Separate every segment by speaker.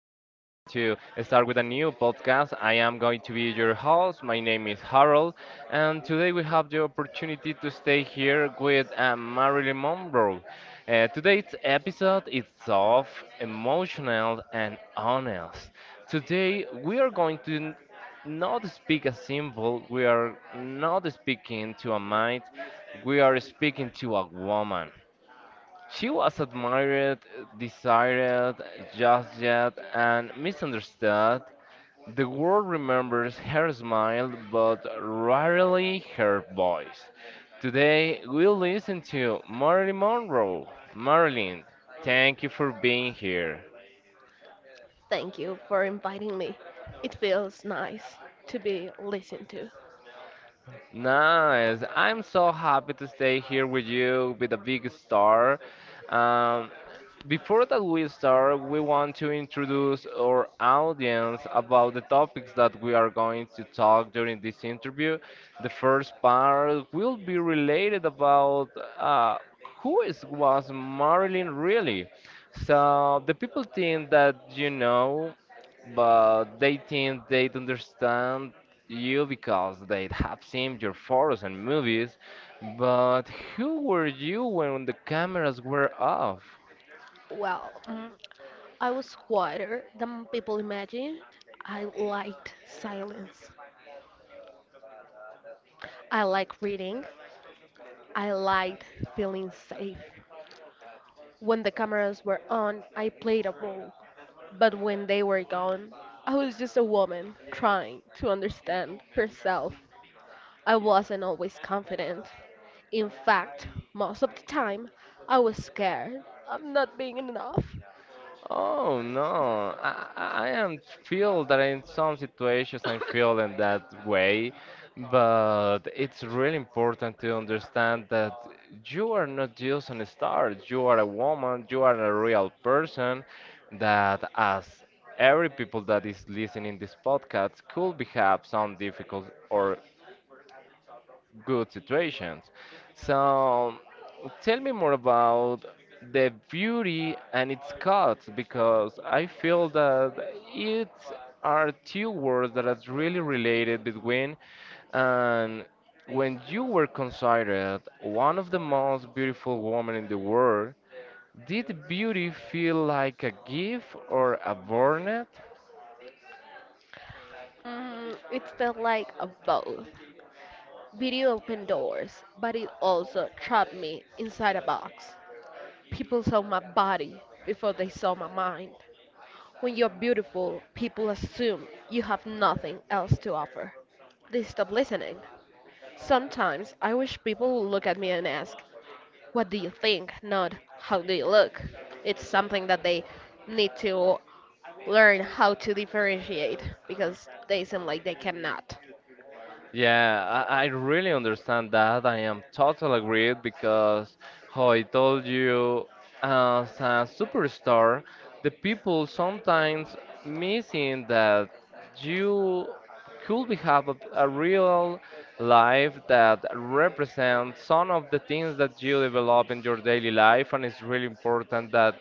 Speaker 1: to start with a new podcast. I am going to be your host. My name is Harold, and today we have the opportunity to stay here with Marilyn Monroe. Today's episode is soft, emotional, and honest. Today we are going to not speak a symbol. We are not speaking to a mind. We are speaking to a woman. She was admired, desired, judged, and misunderstood. The world remembers her smile, but rarely her voice. Today, we'll listen to Marilyn Monroe. Marilyn, thank you for being here.
Speaker 2: Thank you for inviting me. It feels nice to be listened to.
Speaker 1: Nice. I'm so happy to stay here with you with a big star. Um, Before that we start, we want to introduce our audience about the topics that we are going to talk during this interview. The first part will be related about uh, who is was Marilyn really? So the people think that you know, but they think they don't understand you because they have seen your photos and movies, but who were you when the cameras were off?
Speaker 2: Well, mm, I was quieter than people imagine. I liked silence. I like reading. I liked feeling safe. When the cameras were on, I played a role. But when they were gone, I was just a woman trying to understand herself. I wasn't always confident. In fact, most of the time, I was scared of not being enough.
Speaker 1: Oh no, I am feel that in some situations I'm feeling that way, but it's really important to understand that you are not just an star, you are a woman, you are a real person that as every people that is listening this podcast could be have some difficult or good situations. So tell me more about the beauty and its cuts because I feel that it are two words that are really related between and when you were considered one of the most beautiful women in the world, did beauty feel like a gift or a burden?
Speaker 2: It felt like a both. Video opened doors, but it also trapped me inside a box. People saw my body before they saw my mind. When you're beautiful, people assume you have nothing else to offer. They stop listening. Sometimes I wish people would look at me and ask, what do you think, not how do you look. It's something that they need to learn how to differentiate because they seem like they cannot.
Speaker 1: Yeah, I really understand that. I am totally agreed because, how I told you, as a superstar, the people sometimes missing that you could be have a real life that represents some of the things that you develop in your daily life and it's really important that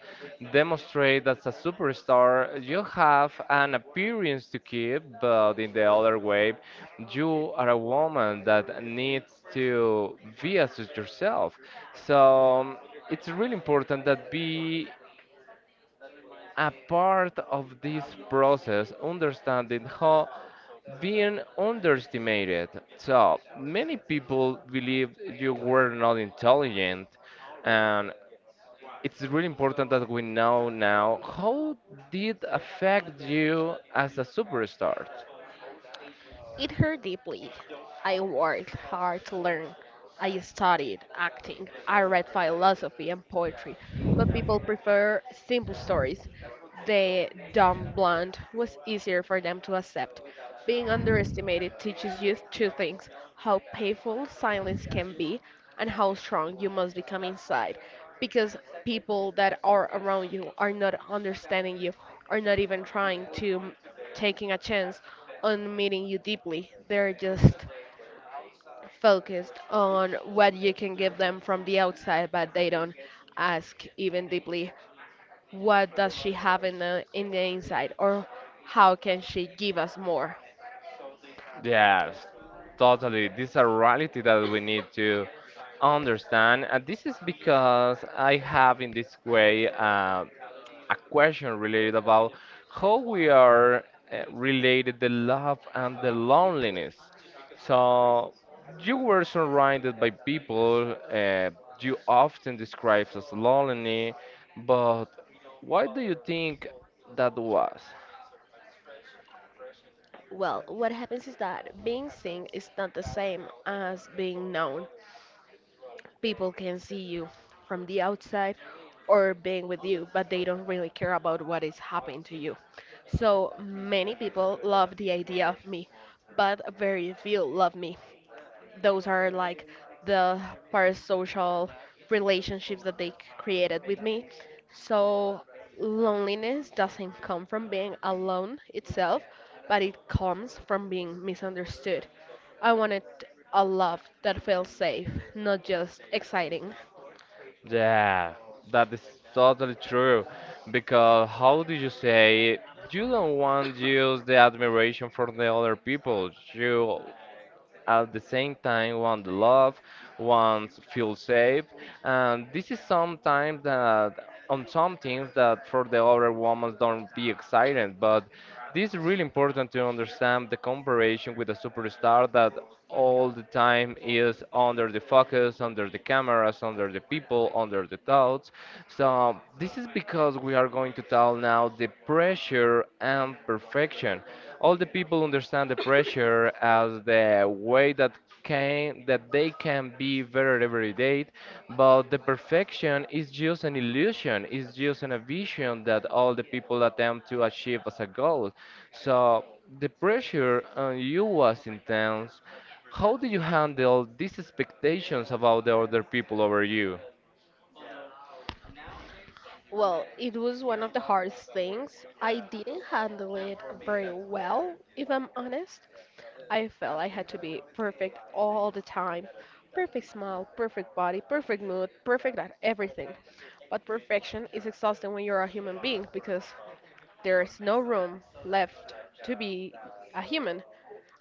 Speaker 1: demonstrate that as a superstar you have an appearance to keep but in the other way you are a woman that needs to be as yourself so it's really important that be a part of this process understanding how being underestimated. So many people believe you were not intelligent, and it's really important that we know now how did affect you as a superstar.
Speaker 2: It hurt deeply. I worked hard to learn. I studied acting, I read philosophy and poetry, but people prefer simple stories. The dumb blonde was easier for them to accept. Being underestimated teaches you two things: how painful silence can be and how strong you must become inside. Because people that are around you are not understanding you, are not even trying to taking a chance on meeting you deeply. They're just focused on what you can give them from the outside, but they don't ask even deeply what does she have in the inside, or how can she give us more?
Speaker 1: Yes, totally. This is a reality that we need to understand. And this is because I have in this way a question related about how we are related the love and the loneliness. So you were surrounded by people you often describe as lonely, but why do you think that was?
Speaker 2: Well, what happens is that being seen is not the same as being known. People can see you from the outside or being with you, but they don't really care about what is happening to you. So many people love the idea of me, but very few love me. Those are like the parasocial relationships that created with me. So loneliness doesn't come from being alone itself, but it comes from being misunderstood. I wanted a love that feels safe, not just exciting.
Speaker 1: Yeah, that is totally true. Because how do you say you don't want to use the admiration from the other people? You at the same time want the love, wants feel safe, and this is sometimes that on some things that for the other women don't be excited, but this is really important to understand the comparison with a superstar that all the time is under the focus, under the cameras, under the people, under the thoughts. So this is because we are going to tell now the pressure and perfection. All the people understand the pressure as the way that can that they can be better every day, but the perfection is just an illusion, is just an a vision that all the people attempt to achieve as a goal. So the pressure on you was intense. How do you handle these expectations about the other people over you?
Speaker 2: Well, it was one of the hardest things. I didn't handle it very well, if I'm honest. I felt I had to be perfect all the time. Perfect smile, perfect body, perfect mood, perfect at everything. But perfection is exhausting when you're a human being because there's no room left to be a human.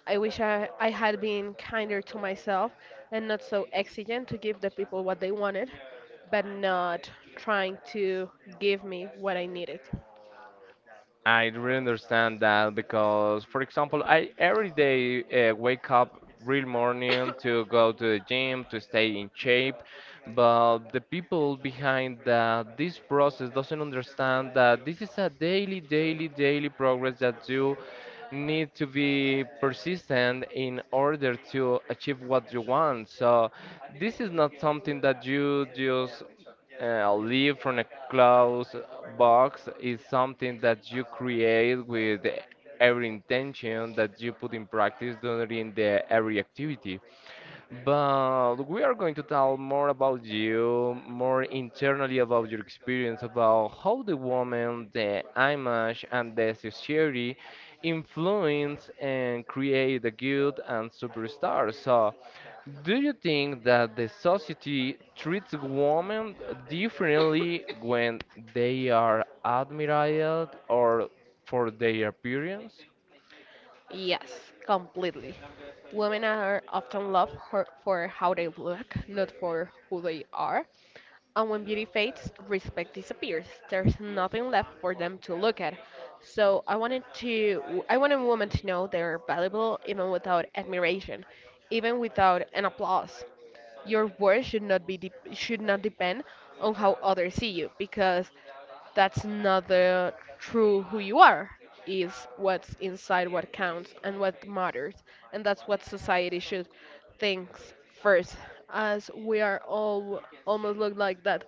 Speaker 2: I wish I had been kinder to myself and not so exigent to give the people what they wanted, but not trying to give me what I needed.
Speaker 1: I really understand that because, for example, I every day wake up real morning to go to the gym to stay in shape, but the people behind that this process doesn't understand that this is a daily, daily, daily progress that you need to be persistent in order to achieve what you want. So this is not something that you just live from a closed box is something that you create with every intention that you put in practice during the every activity. But we are going to tell more about you, more internally about your experience, about how the woman, the image, and the society influence and create the good and superstars. So, do you think that the society treats women differently when they are admired or for their appearance?
Speaker 2: Yes, completely. Women are often for how they look, not for who they are. And when beauty fades, respect disappears. There's nothing left for them to look at. So I wanted women to know they're valuable even without admiration, even without an applause. Your worth should not depend on how others see you, because that's not the true who you are. Is what's inside what counts and what matters, and that's what society should think first, as we are all almost look like that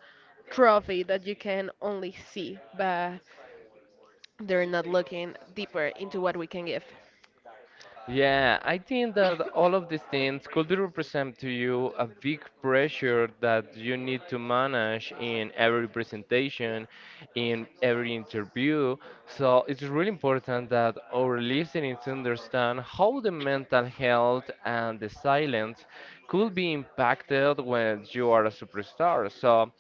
Speaker 2: trophy that you can only see, but they're not looking deeper into what we can give.
Speaker 1: Yeah, I think that all of these things could be represent to you a big pressure that you need to manage in every presentation, in every interview. So it's really important that our listeners understand how the mental health and the silence could be impacted when you are a superstar. So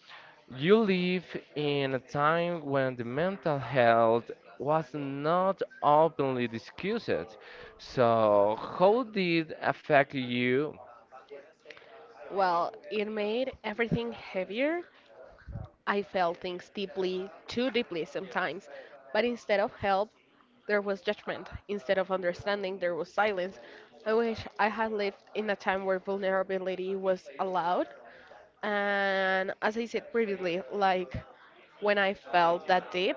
Speaker 1: you live in a time when the mental health was not openly discussed. So, how did affect you?
Speaker 2: Well, it made everything heavier. I felt things deeply, too deeply sometimes, but instead of help, there was judgment. Instead of understanding, there was silence. I wish I had lived in a time where vulnerability was allowed. And as I said previously, like, when I felt that deep,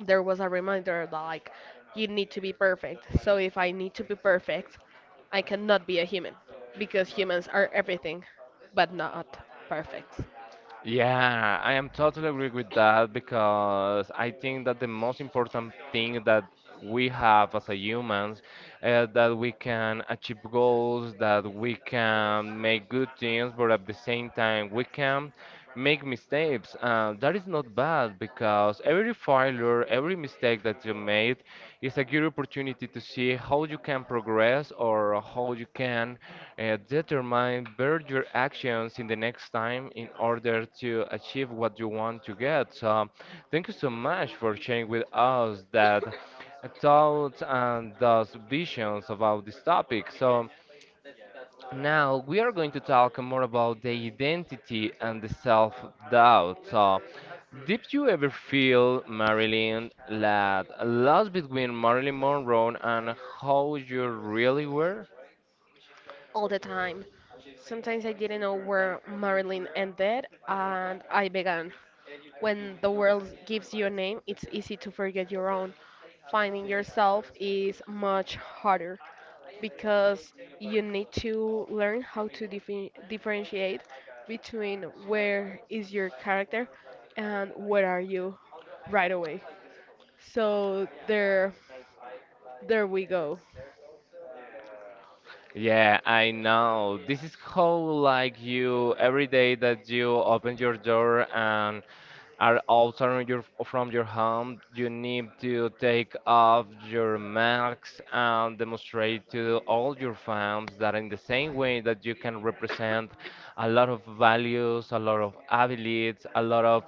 Speaker 2: there was a reminder that, like, you need to be perfect. So if I need to be perfect, I cannot be a human, because humans are everything but not perfect.
Speaker 1: Yeah, I am totally agree with that because I think that the most important thing that we have as a humans that we can achieve goals, that we can make good things, but at the same time we can make mistakes. That is not bad because every failure, every mistake that you made it's a good opportunity to see how you can progress or how you can determine better your actions in the next time in order to achieve what you want to get. So, thank you so much for sharing with us that thoughts and those visions about this topic. So, now we are going to talk more about the identity and the self-doubt. So, did you ever feel, Marilyn, that lost between Marilyn Monroe and how you really were?
Speaker 2: All the time. Sometimes I didn't know where Marilyn ended and I began. When the world gives you a name, it's easy to forget your own. Finding yourself is much harder because you need to learn how to differentiate between where is your character and where are you right away. So there we go.
Speaker 1: Yeah, I know. This is how like you every day that you open your door and are altering your from your home, you need to take off your masks and demonstrate to all your fans that in the same way that you can represent a lot of values, a lot of abilities, a lot of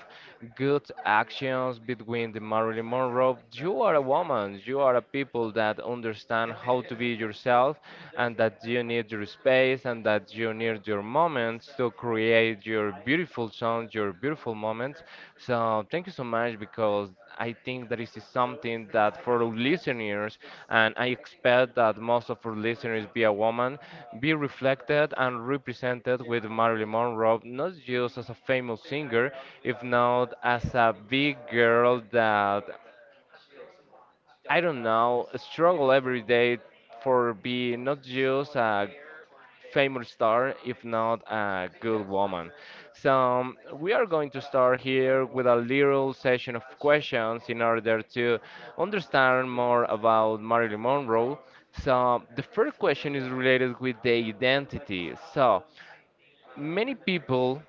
Speaker 1: good actions between the Marilyn Monroe. You are a woman. You are a people that understand how to be yourself, and that you need your space, and that you need your moments to create your beautiful songs, your beautiful moments. So thank you so much because I think that this is something that for our listeners, and I expect that most of our listeners be a woman, be reflected and represented with Marilyn Monroe, not just as a famous singer, if not as a big girl that, I don't know, struggle every day for being not just a famous star, if not a good woman. So we are going to start here with a little session of questions in order to understand more about Marilyn Monroe. So the first question is related with the identity. So many people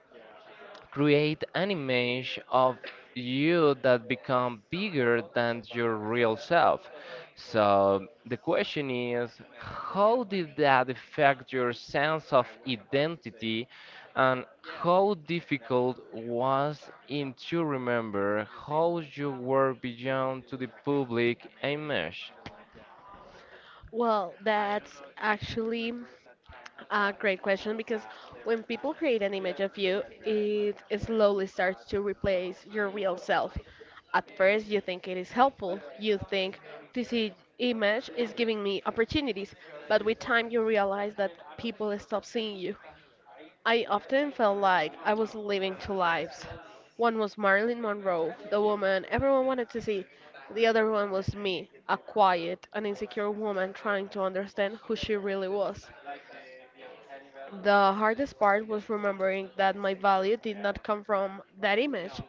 Speaker 1: create an image of you that become bigger than your real self. So the question is, how did that affect your sense of identity, and how difficult was it to remember how you were beyond to the public image?
Speaker 2: Well, that's actually a great question, because when people create an image of you, it slowly starts to replace your real self. At first, you think it is helpful. You think this image is giving me opportunities, but with time, you realize that people stop seeing you. I often felt like I was living two lives. One was Marilyn Monroe, the woman everyone wanted to see. The other one was me, a quiet and insecure woman trying to understand who she really was. The hardest part was remembering that my value did not come from that image.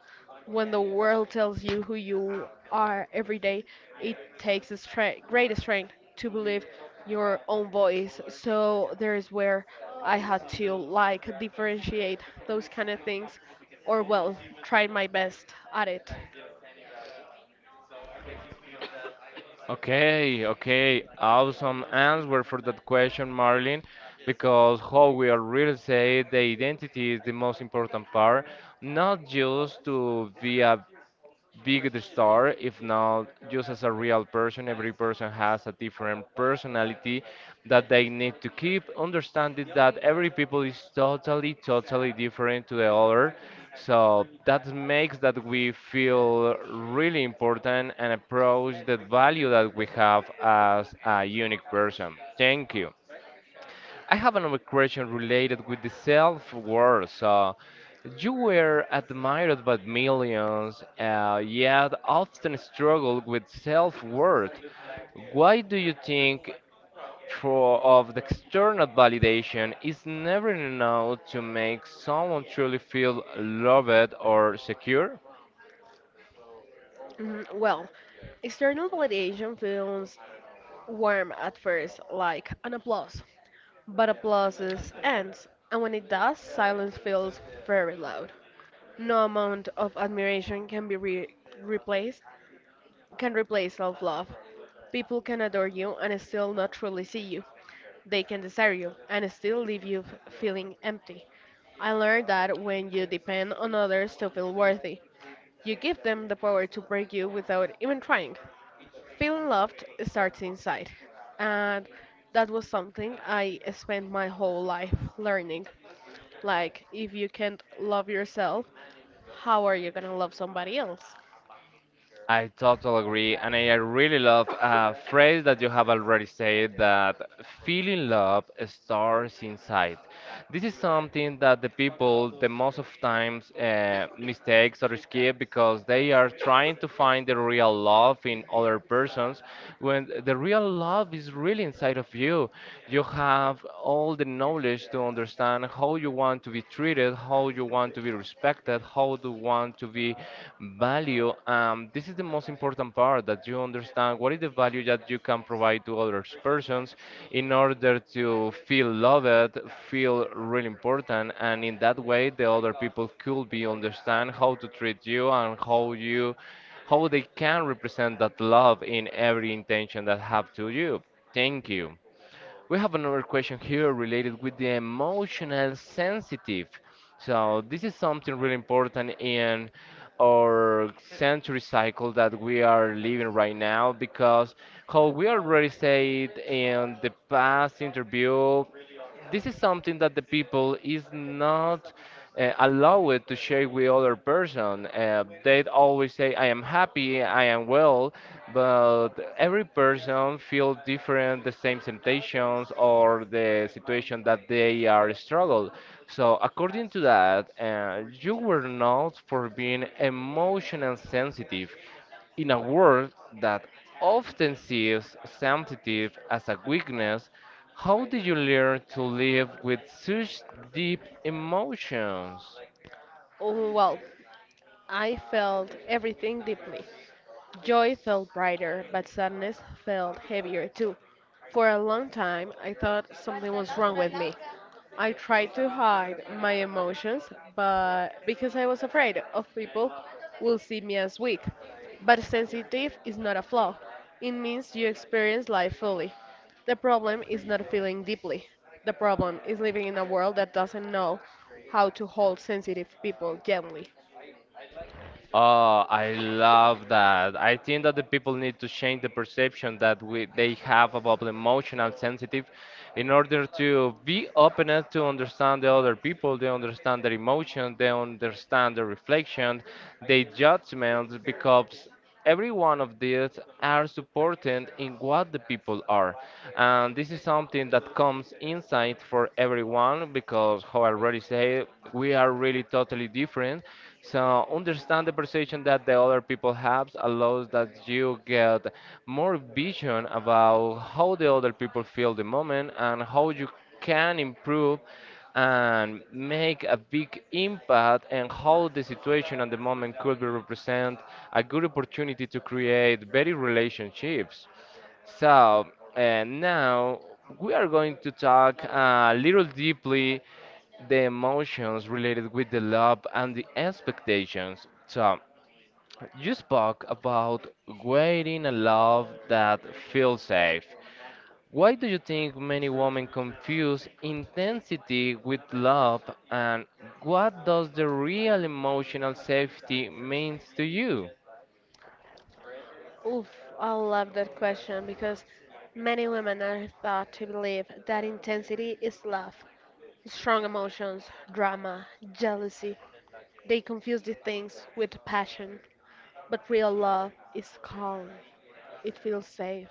Speaker 2: When the world tells you who you are every day, it takes a great strength to believe your own voice. So there is where I had to, like, differentiate those kind of things, or well, try my best at it.
Speaker 1: Okay, okay, awesome answer for that question, Marlin, because how we are really say the identity is the most important part, not just to be a big the star, if not just as a real person. Every person has a different personality that they need to keep understanding that every people is totally, totally different to the other. So that makes that we feel really important and approach the value that we have as a unique person. Thank you. I have another question related with the self-worth. So, you were admired by millions, yet often struggle with self-worth. Why do you think for of the external validation is never enough to make someone truly feel loved or secure?
Speaker 2: Mhm. External validation feels warm at first, like an applause, but applauses ends, and when it does, silence feels very loud. No amount of admiration replaced can replace self-love. People can adore you and still not truly see you. They can desire you and still feeling empty. I learned that when you depend on others to feel worthy, you give them the power to break you without even trying. Feeling loved starts inside, and that was something I spent my whole life learning. Like, if you can't love yourself, how are you gonna love somebody else?
Speaker 1: I totally agree, and I really love a phrase that you have already said that feeling love starts inside. This is something that the people the most of times mistakes or skip because they are trying to find the real love in other persons when the real love is really inside of you. You have all the knowledge to understand how you want to be treated respected, how you want to be respected, how do you want to be valued. This is the most important part that you understand what is the value that you can provide to other persons in order to feel loved, feel really important, and in that way the other people could be understand how to treat you and how you how they can represent that love in every intention that have to you. Thank you. We have another question here related with the emotional sensitive. So this is something really important in our century cycle that we are living right now because how we already said in the past interview this is something that the people is not allowed to share with other person. They always say, "I am happy, I am well," but every person feel different, the same temptations or the situation that they are struggle. So according to that, you were not for being emotional sensitive in a world that often sees sensitive as a weakness, how did you learn to live with such deep emotions?
Speaker 2: Oh, Well, I felt everything deeply. Joy felt brighter, but sadness felt heavier too. For a long time, I thought something was wrong with me. I tried to hide my emotions, but because I was afraid of people will see me as weak. But sensitive is not a flaw. It means you experience life fully. The problem is not feeling deeply. The problem is living in a world that doesn't know how to hold sensitive people gently.
Speaker 1: Oh, I love that. I think that the people need to change the perception that they have about emotional sensitive in order to be open enough to understand the other people, they understand their emotion, they understand the reflection, their judgments, because every one of these are supported in what the people are, and this is something that comes inside for everyone because how I already said, we are really totally different. So understand the perception that the other people have allows that you get more vision about how the other people feel the moment and how you can improve and make a big impact and how the situation at the moment could be represent a good opportunity to create better relationships. So now we are going to talk a little deeply the emotions related with the love and the expectations. So you spoke about waiting a love that feels safe. Why do you think many women confuse intensity with love, and what does the real emotional safety means to you?
Speaker 2: Oof, I love that question, because many women are thought to believe that intensity is love, strong emotions, drama, jealousy. They confuse these things with passion. But real love is calm, it feels safe,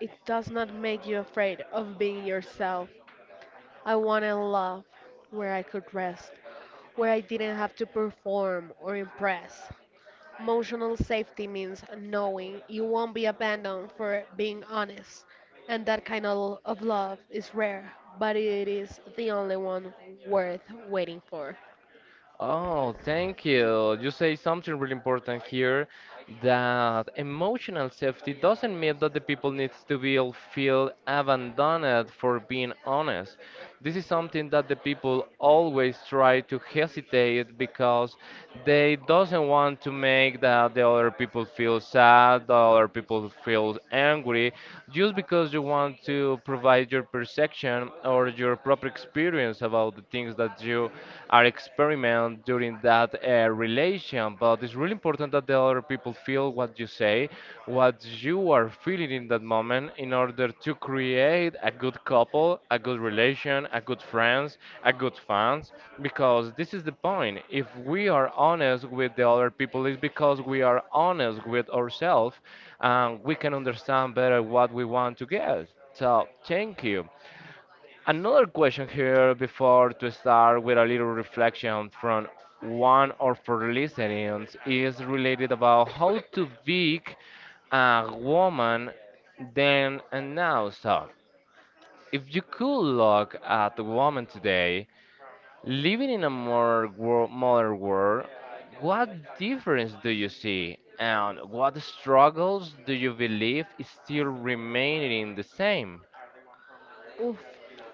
Speaker 2: it does not make you afraid of being yourself. I wanted love where I could rest, where I didn't have to perform or impress. Emotional safety means knowing you won't be abandoned for being honest. And that kind of love is rare, but it is the only one worth waiting for.
Speaker 1: Oh, thank you. You say something really important here, that emotional safety doesn't mean that the people needs to be all feel abandoned for being honest. This is something that the people always try to hesitate because they doesn't want to make that the other people feel sad, the other people feel angry, just because you want to provide your perception or your proper experience about the things that you are experiment during that relation. But it's really important that the other people feel what you say, what you are feeling in that moment, in order to create a good couple, a good relation, a good friends, a good fans. Because this is the point. If we are honest with the other people, it's because we are honest with ourselves, and we can understand better what we want to get. So thank you. Another question here before to start with a little reflection from one of our listeners is related about how to big a woman then and now. So, if you could look at the woman today living in a more modern world, what difference do you see, and what struggles do you believe is still remaining the same?
Speaker 2: Oof,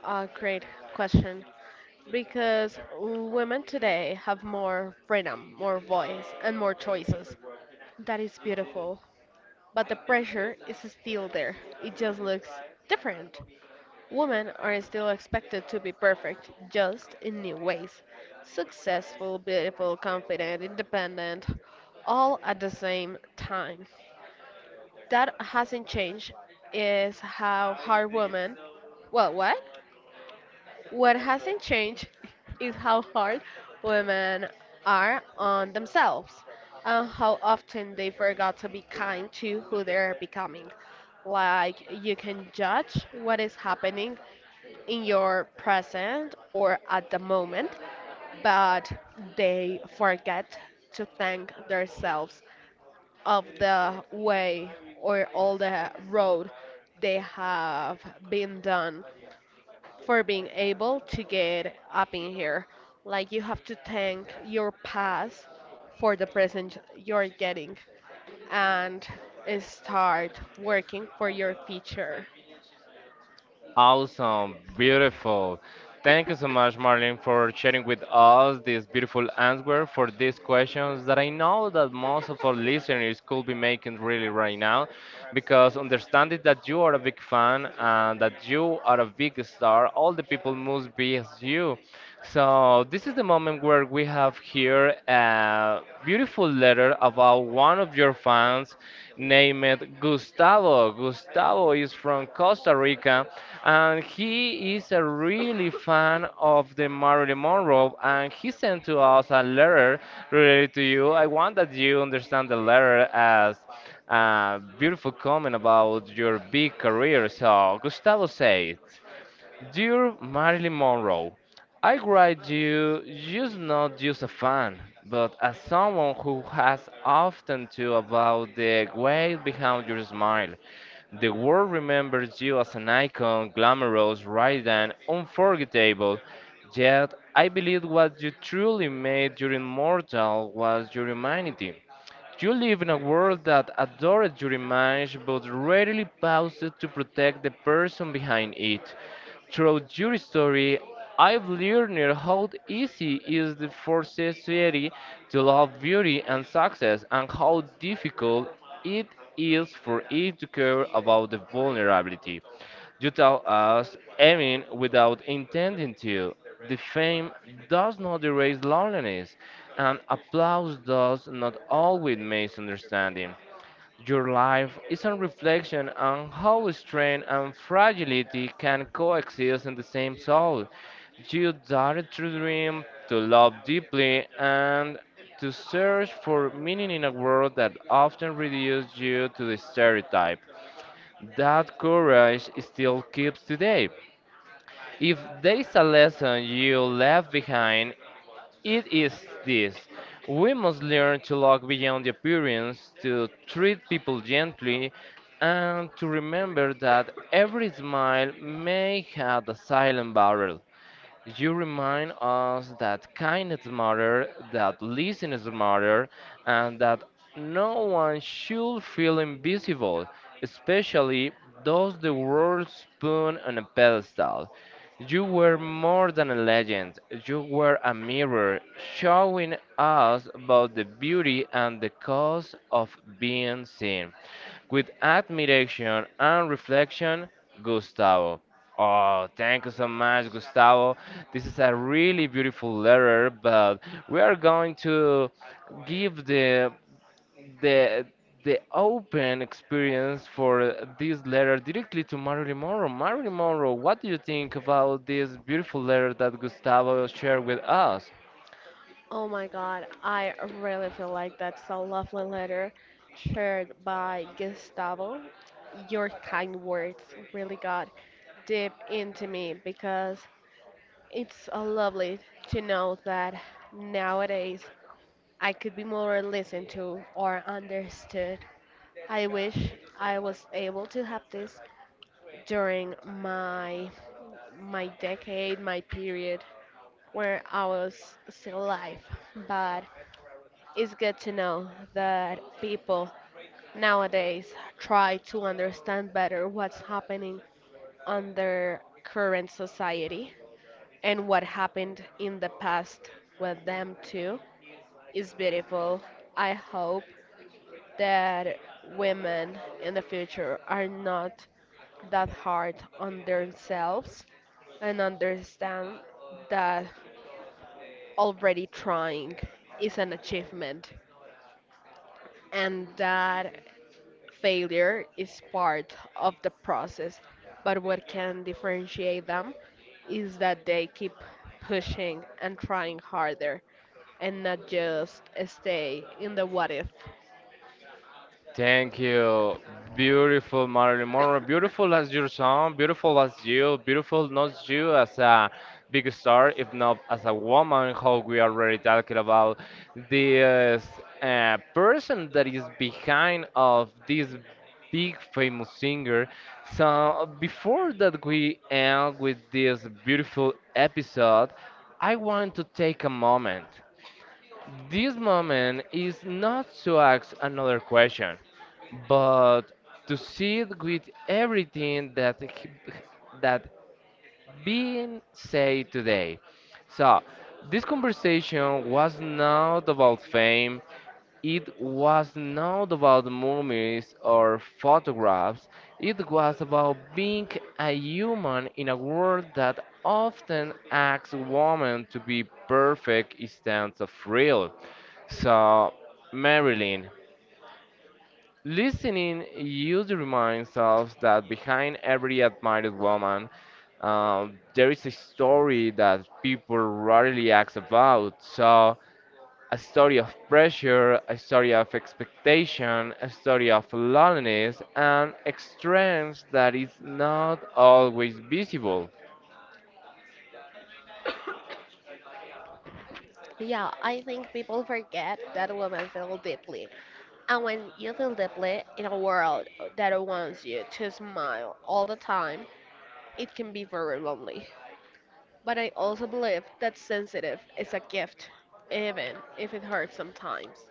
Speaker 2: a great question. Because women today have more freedom, more voice, and more choices. That is beautiful. But the pressure is still there. It just looks different. Women are still expected to be perfect, just in new ways. Successful, beautiful, confident, independent, all at the same time. That hasn't changed is how hard women. Well, what? What hasn't changed is how hard women are on themselves, and how often they forgot to be kind to who they're becoming. Like, you can judge what is happening in your present or at the moment, but they forget to thank themselves of the way or all the road they have been done for being able to get up in here. Like, you have to thank your past for the present you're getting, and start working for your future.
Speaker 1: Awesome, beautiful. Thank you so much, Marlene, for sharing with us this beautiful answer for these questions that I know that most of our listeners could be making really right now, because understanding that you are a big fan and that you are a big star, all the people must be as you. So this is the moment where we have here a beautiful letter about one of your fans named Gustavo. Gustavo is from Costa Rica and he is a really fan of the Marilyn Monroe and he sent to us a letter related to you. I want that you understand the letter as beautiful comment about your big career. So, Gustavo said, dear Marilyn Monroe, I write you just not just a fan, but as someone who has often to about the weight behind your smile. The world remembers you as an icon, glamorous, rather than unforgettable. Yet, I believe what you truly made you immortal was your humanity. You live in a world that adores your image but rarely pauses to protect the person behind it. Through your story, I've learned how easy it is for society to love beauty and success, and how difficult it is for it to care about the vulnerability. You tell us, I mean, without intending to. The fame does not erase loneliness, and applause does not always misunderstanding. Your life is a reflection on how strength and fragility can coexist in the same soul. You dared to dream, to love deeply, and to search for meaning in a world that often reduces you to the stereotype. That courage still keeps today. If there is a lesson you left behind, it is this. We must learn to look beyond the appearance, to treat people gently, and to remember that every smile may have a silent barrel. You remind us that kindness matter, that listeners matter, and that no one should feel invisible, especially those the world spoon on a pedestal. You were more than a legend. You were a mirror, showing us about the beauty and the cost of being seen. With admiration and reflection, Gustavo. Oh, thank you so much, Gustavo. This is a really beautiful letter, but we are going to give the the open experience for this letter directly to Marilyn Monroe. Marilyn Monroe, what do you think about this beautiful letter that Gustavo shared with us?
Speaker 2: Oh my god, I really feel like that's a lovely letter shared by Gustavo. Your kind words really got deep into me, because it's lovely to know that nowadays I could be more listened to or understood. I wish I was able to have this during my decade, my period where I was still alive. But it's good to know that people nowadays try to understand better what's happening on their current society, and what happened in the past with them too. It's beautiful. I hope that women in the future are not that hard on themselves, and understand that already trying is an achievement, and that failure is part of the process, but what can differentiate them is that they keep pushing and trying harder and not just stay in the what if.
Speaker 1: Thank you. Beautiful Marilyn Monroe. Beautiful as your song. Beautiful as you. Beautiful not you as a big star, if not as a woman. How we are already talking about this person that is behind of this big famous singer. So before that we end with this beautiful episode, I want to take a moment, this moment is not to ask another question, but to sit with everything that that being said today. So, this conversation was not about fame, it was not about movies or photographs. It was about being a human in a world that often asks women to be perfect instead of real. So, Marilyn, listening, you reminds us that behind every admired woman, there is a story that people rarely ask about. So, a story of pressure, a story of expectation, a story of loneliness, and strength that is not always visible.
Speaker 2: Yeah, I think people forget that women feel deeply. And when you feel deeply in a world that wants you to smile all the time, it can be very lonely. But I also believe that sensitive is a gift, even if it hurts sometimes.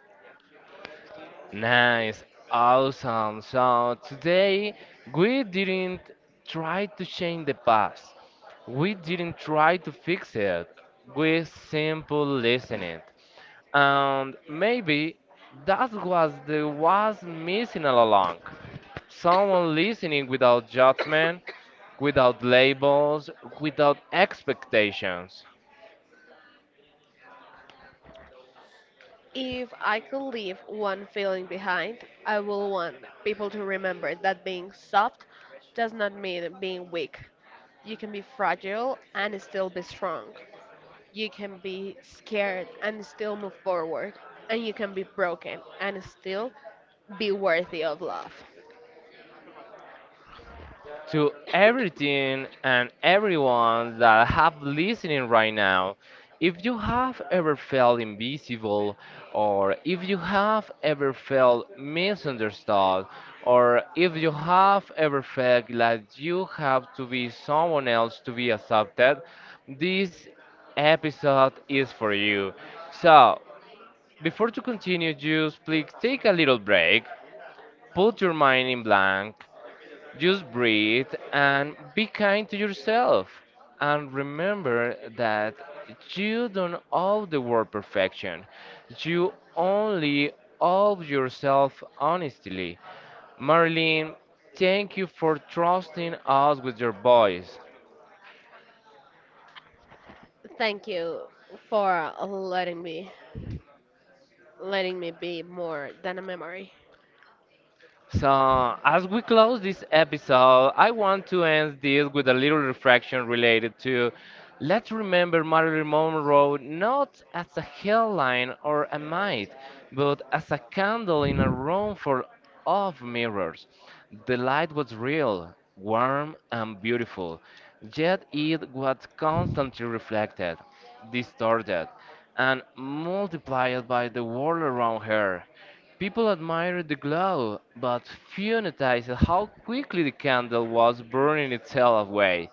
Speaker 1: Nice, awesome. So today we didn't try to change the past. We didn't try to fix it. We simply listened. And maybe that was the was missing all along. Someone listening without judgment, without labels, without expectations.
Speaker 2: If I could leave one feeling behind, I would want people to remember that being soft does not mean being weak. You can be fragile and still be strong. You can be scared and still move forward. And you can be broken and still be worthy of love.
Speaker 1: To everything and everyone that have listening right now. If you have ever felt invisible, or if you have ever felt misunderstood, or if you have ever felt like you have to be someone else to be accepted, this episode is for you. So, before to continue, just please take a little break, put your mind in blank, just breathe and be kind to yourself. And remember that you don't owe the world perfection. You only owe yourself honestly. Marlene, thank you for trusting us with your voice.
Speaker 2: Thank you for letting me be more than a memory.
Speaker 1: So, as we close this episode, I want to end this with a little reflection related to, let's remember Marilyn Monroe not as a headline or a might, but as a candle in a room full of mirrors. The light was real, warm, and beautiful, yet it was constantly reflected, distorted, and multiplied by the world around her. People admired the glow, but few noticed how quickly the candle was burning itself away.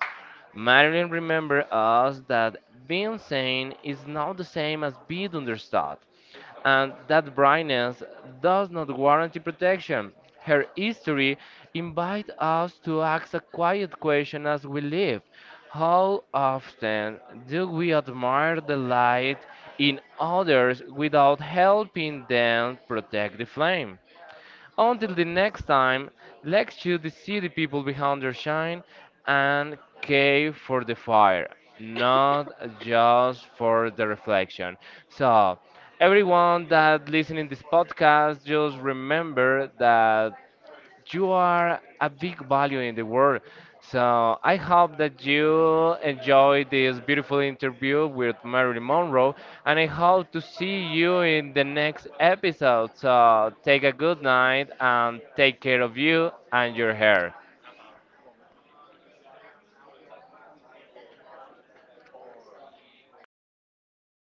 Speaker 1: Marilyn remembered us that being seen is not the same as being understood, and that brightness does not guarantee protection. Her history invites us to ask a quiet question as we live. How often do we admire the light in others without helping them protect the flame? Until the next time, let's shoot the city people behind their shine and cave for the fire, not just for the reflection. So, everyone that listening this podcast, just remember that you are a big value in the world. So I hope that you enjoyed this beautiful interview with Marilyn Monroe, and I hope to see you in the next episode. So take a good night and take care of you and your hair.